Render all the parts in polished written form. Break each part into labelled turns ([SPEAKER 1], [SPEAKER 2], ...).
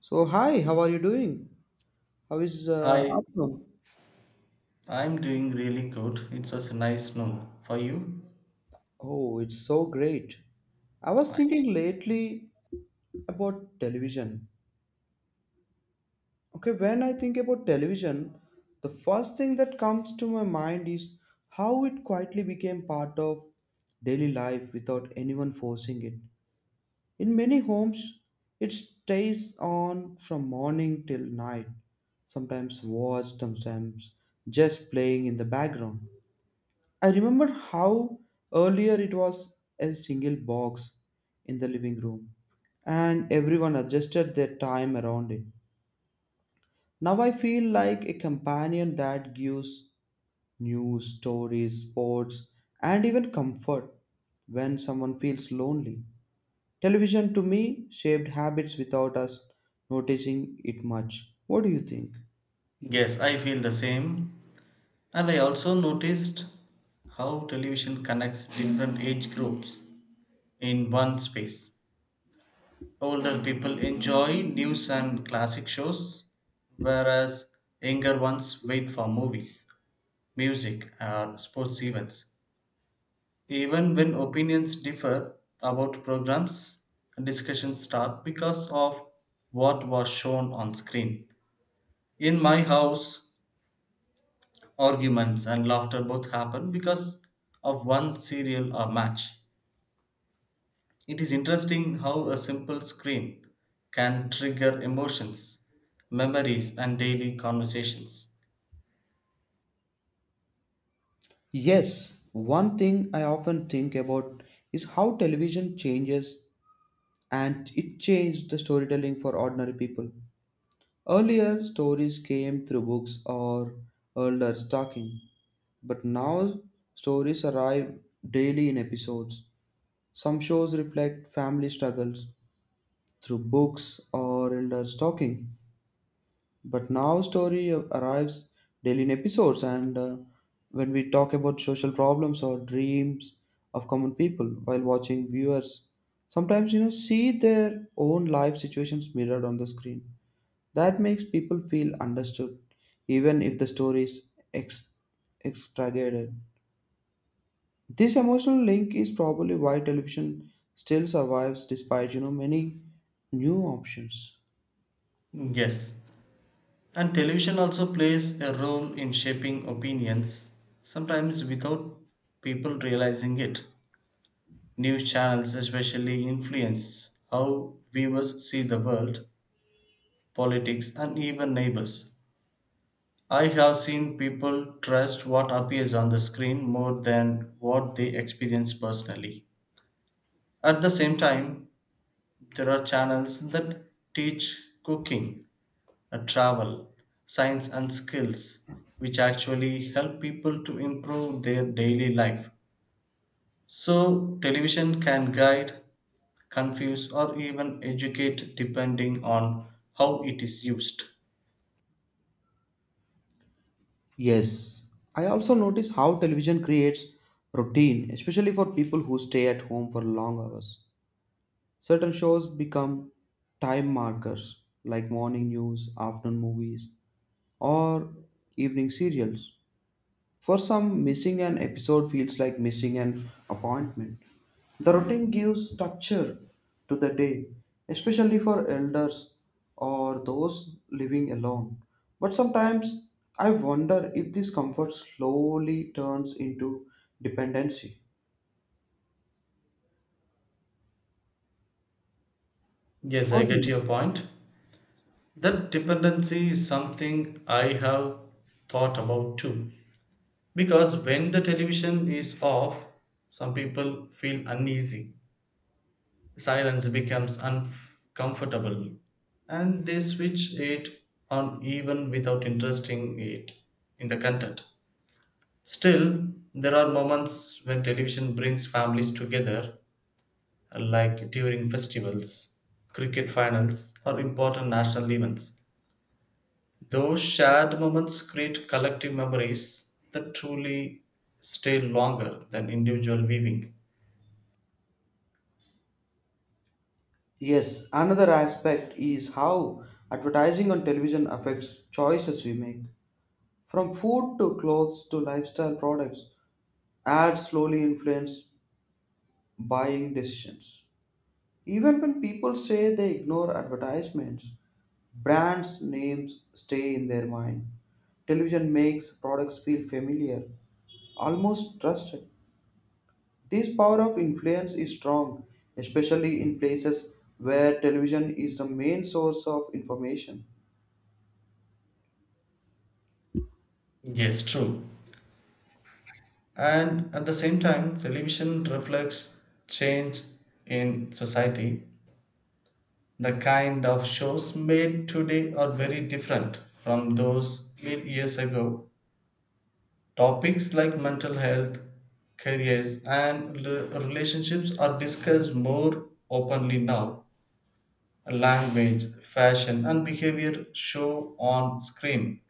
[SPEAKER 1] So, hi, how are you doing? How is
[SPEAKER 2] I
[SPEAKER 1] afternoon?
[SPEAKER 2] I'm doing really good. It was nice know for you.
[SPEAKER 1] Oh, it's so great. I was
[SPEAKER 2] Fine.
[SPEAKER 1] thinking lately about television. Okay, when I think about television, the first thing that comes to my mind is how it quietly became part of daily life without anyone forcing it. In many homes, it stays on from morning till night, sometimes watched, sometimes just playing in the background. I remember how earlier it was a single box in the living room and everyone adjusted their time around it. Now I feel like a companion that gives news, stories, sports, and even comfort when someone feels lonely. Television to me shaped habits without us noticing it much. What do you think?
[SPEAKER 2] Yes, I feel the same. And I also noticed how television connects different age groups in one space. Older people enjoy news and classic shows, whereas younger ones wait for movies, music, sports events. Even when opinions differ about programs, discussions start because of what was shown on screen. In my house, arguments and laughter both happen because of one serial or match. It is interesting how a simple screen can trigger emotions, memories, and daily conversations.
[SPEAKER 1] Yes, one thing I often think about is how television changes and it changed the storytelling for ordinary people. Earlier, stories came through books or elders talking, but now stories arrive daily in episodes. Some shows reflect family struggles through books or elders talking, but now story arrives daily in episodes and when we talk about social problems or dreams of common people while watching viewers sometimes see their own life situations mirrored on the screen. That makes people feel understood even if the story is ex- extricated. This emotional link is probably why television still survives despite many new options.
[SPEAKER 2] Yes. And television also plays a role in shaping opinions, sometimes without people realizing it. News channels especially influence how viewers see the world, politics, and even neighbors. I have seen people trust what appears on the screen more than what they experience personally. At the same time, there are channels that teach cooking, travel, science, and skills, which actually help people to improve their daily life. So, television can guide confuse, or even educate depending on how it is used.
[SPEAKER 1] Yes, I also notice how television creates routine, especially for people who stay at home for long hours. Certain shows become time markers, like morning news, afternoon movies, or evening serials. For some, missing an episode feels like missing an appointment. The routine gives structure to the day, especially for elders or those living alone. But sometimes I wonder if this comfort slowly turns into dependency.
[SPEAKER 2] Yes, I
[SPEAKER 1] What do
[SPEAKER 2] get
[SPEAKER 1] you
[SPEAKER 2] your
[SPEAKER 1] think?
[SPEAKER 2] point. That dependency is something I have thought about too. Because when the television is off, some people feel uneasy. Silence becomes uncomfortable and they switch it on even without interesting it in the content. Still, there are moments when television brings families together like during festivals, cricket finals, or important national events. Those shared moments create collective memories that truly stay longer than individual viewing.
[SPEAKER 1] Yes, another aspect is how advertising on television affects choices we make. From food to clothes to lifestyle products, ads slowly influence buying decisions. Even when people say they ignore advertisements, brands' names stay in their mind. Television makes products feel familiar, almost trusted. This power of influence is strong, especially in places where television is the main source of information.
[SPEAKER 2] Yes, true. And at the same time, television reflects change in society. The kind of shows made today are very different from those made years ago. Topics like mental health, careers, and relationships are discussed more openly now. Language, fashion, and behavior show on screen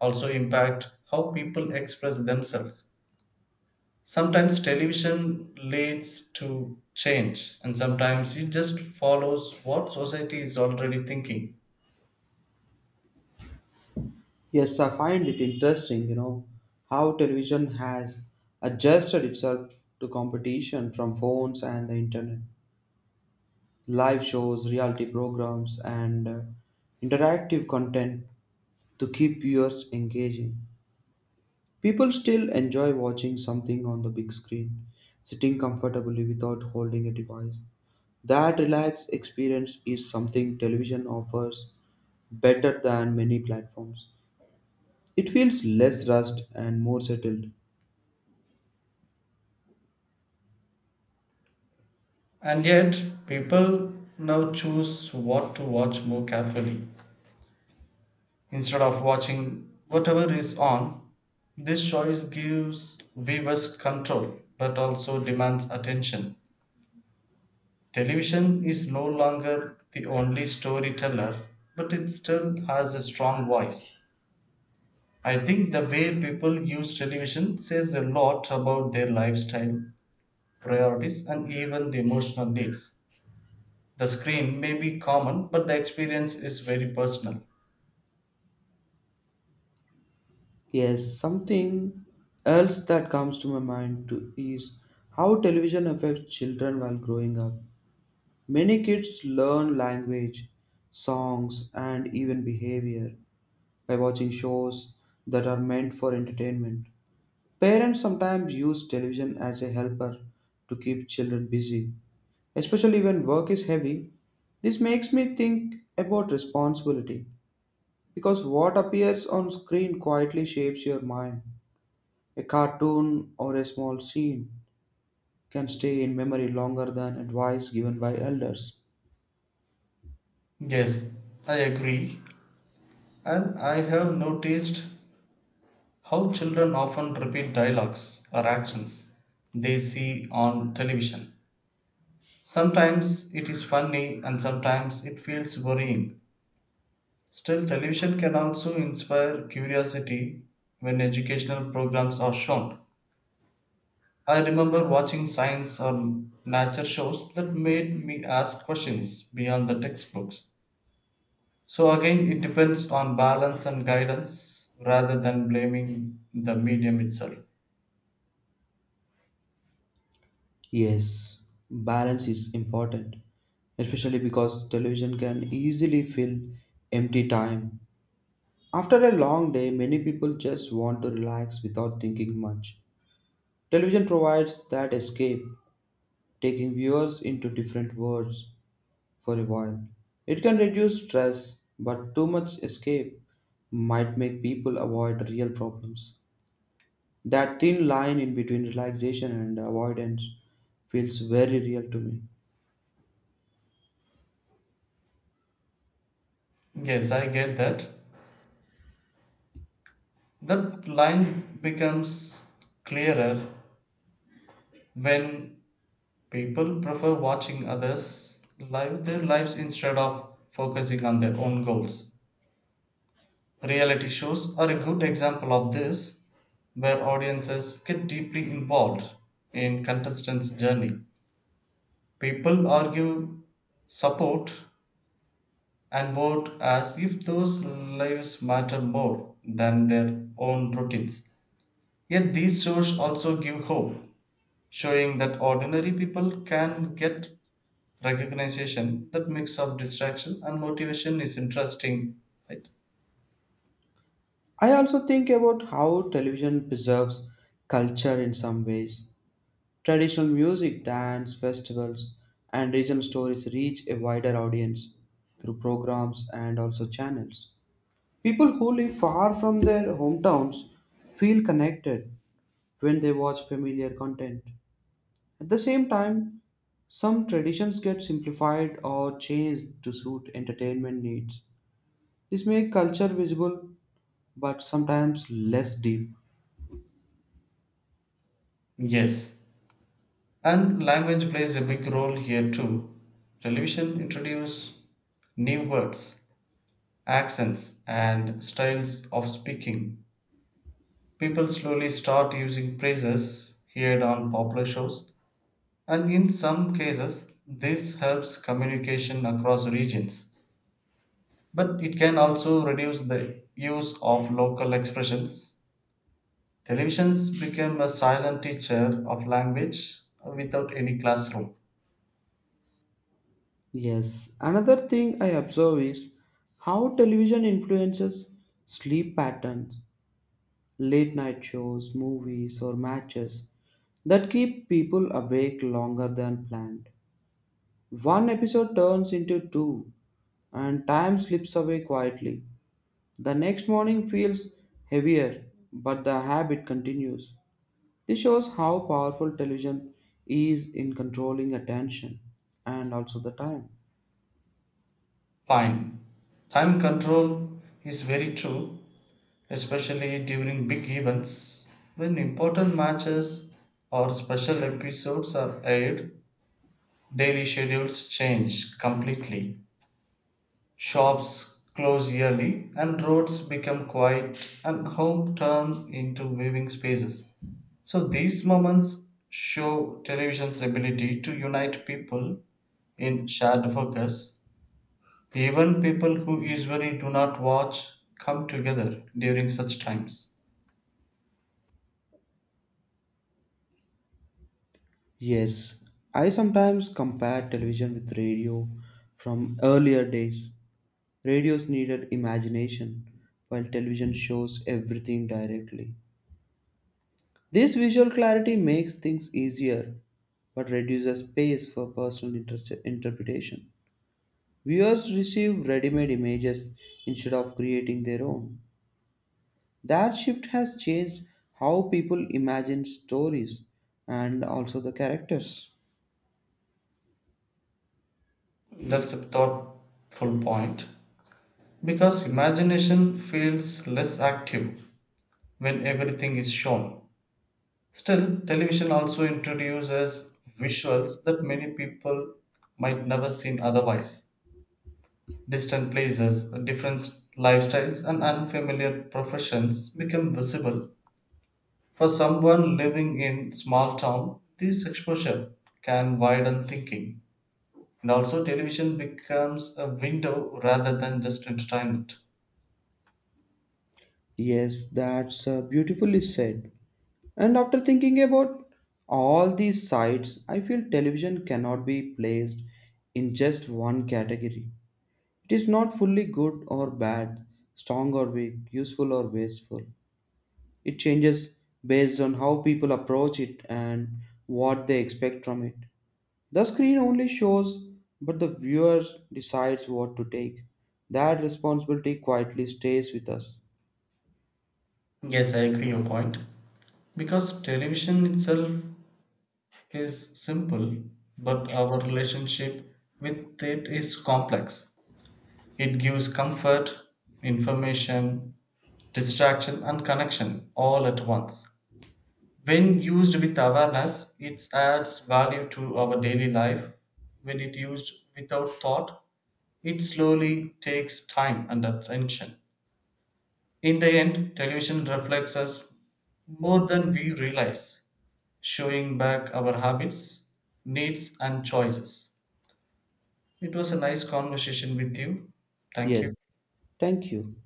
[SPEAKER 2] also impact how people express themselves. Sometimes television leads to change, and sometimes it just follows what society is already thinking.
[SPEAKER 1] Yes, I find it interesting, you know, how television has adjusted itself to competition from phones and the internet. Live shows, reality programs, and interactive content to keep viewers engaging. People still enjoy watching something on the big screen, sitting comfortably without holding a device. That relaxed experience is something television offers better than many platforms. It feels less rushed and more settled.
[SPEAKER 2] And yet, people now choose what to watch more carefully, instead of watching whatever is on. This choice gives viewers control but also demands attention. Television is no longer the only storyteller, but it still has a strong voice. I think the way people use television says a lot about their lifestyle, priorities, and even the emotional needs. The screen may be common, but the experience is very personal.
[SPEAKER 1] Yes, something else that comes to my mind too is how television affects children while growing up. Many kids learn language, songs, and even behavior by watching shows that are meant for entertainment. Parents sometimes use television as a helper to keep children busy, especially when work is heavy. This makes me think about responsibility because what appears on screen quietly shapes your mind. A cartoon or a small scene can stay in memory longer than advice given by elders.
[SPEAKER 2] Yes, I agree. And I have noticed how children often repeat dialogues or actions they see on television. Sometimes it is funny and sometimes it feels worrying. Still, television can also inspire curiosity when educational programs are shown. I remember watching science or nature shows that made me ask questions beyond the textbooks. So, again, it depends on balance and guidance rather than blaming the medium itself.
[SPEAKER 1] Yes, balance is important, especially because television can easily fill empty time. After a long day, many people just want to relax without thinking much. Television provides that escape, taking viewers into different worlds for a while. It can reduce stress, but too much escape might make people avoid real problems. That thin line in between relaxation and avoidance feels very real to me.
[SPEAKER 2] Yes, I get that. That line becomes clearer when people prefer watching others live their lives instead of focusing on their own goals. Reality shows are a good example of this, where audiences get deeply involved in contestants' journey. People argue, support, and vote as if those lives matter more than their own routines. Yet these shows also give hope showing that ordinary people can get recognition. That mix of distraction and motivation is interesting, right?
[SPEAKER 1] I also think about how television preserves culture in some ways. Traditional music, dance, festivals, and regional stories reach a wider audience through programs and also channels. People who live far from their hometowns feel connected when they watch familiar content. At the same time, some traditions get simplified or changed to suit entertainment needs. This makes culture visible but sometimes less deep.
[SPEAKER 2] Yes, and language plays a big role here too. Television introduced new words, accents, and styles of speaking. People slowly start using phrases heard on popular shows, and in some cases, this helps communication across regions. But it can also reduce the use of local expressions. Televisions became a silent teacher of language without any classroom.
[SPEAKER 1] Yes, another thing I observe is how television influences sleep patterns, late night shows, movies, or matches that keep people awake longer than planned. One episode turns into two, and time slips away quietly. The next morning feels heavier, but the habit continues. This shows how powerful television is in controlling attention and also the time.
[SPEAKER 2] Fine. Time control is very true, especially during big events. When important matches or special episodes are aired, daily schedules change completely. Shops close early, and roads become quiet, and home turn into viewing spaces. So these moments show television's ability to unite people in shared focus. Even people who usually do not watch come together during such times.
[SPEAKER 1] Yes, I sometimes compare television with radio from earlier days. Radios needed imagination, while television shows everything directly. This visual clarity makes things easier, but reduces space for personal interpretation. Viewers receive ready made images instead of creating their own. That shift has changed how people imagine stories and also the characters.
[SPEAKER 2] That's a thoughtful point because imagination feels less active when everything is shown. Still, television also introduces visuals that many people might never seen otherwise. Distant places, different lifestyles, and unfamiliar professions become visible. For someone living in small town, this exposure can widen thinking. And also, television becomes a window rather than just entertainment.
[SPEAKER 1] Yes, that's beautifully said. And after thinking about all these sites, I feel television cannot be placed in just one category. It is not fully good or bad, strong or weak, useful or wasteful. It changes based on how people approach it and what they expect from it. The screen only shows, but the viewer decides what to take. That responsibility quietly stays with us.
[SPEAKER 2] Yes, I agree your point. Because television itself is simple, but our relationship with it is complex. It gives comfort, information, distraction and connection all at once. When used with awareness, it adds value to our daily life. When it used without thought, it slowly takes time and attention. In the end, television reflects us more than we realize, showing back our habits, needs, and choices. It was a nice conversation with you. Thank
[SPEAKER 1] Yes.
[SPEAKER 2] you.
[SPEAKER 1] Thank you.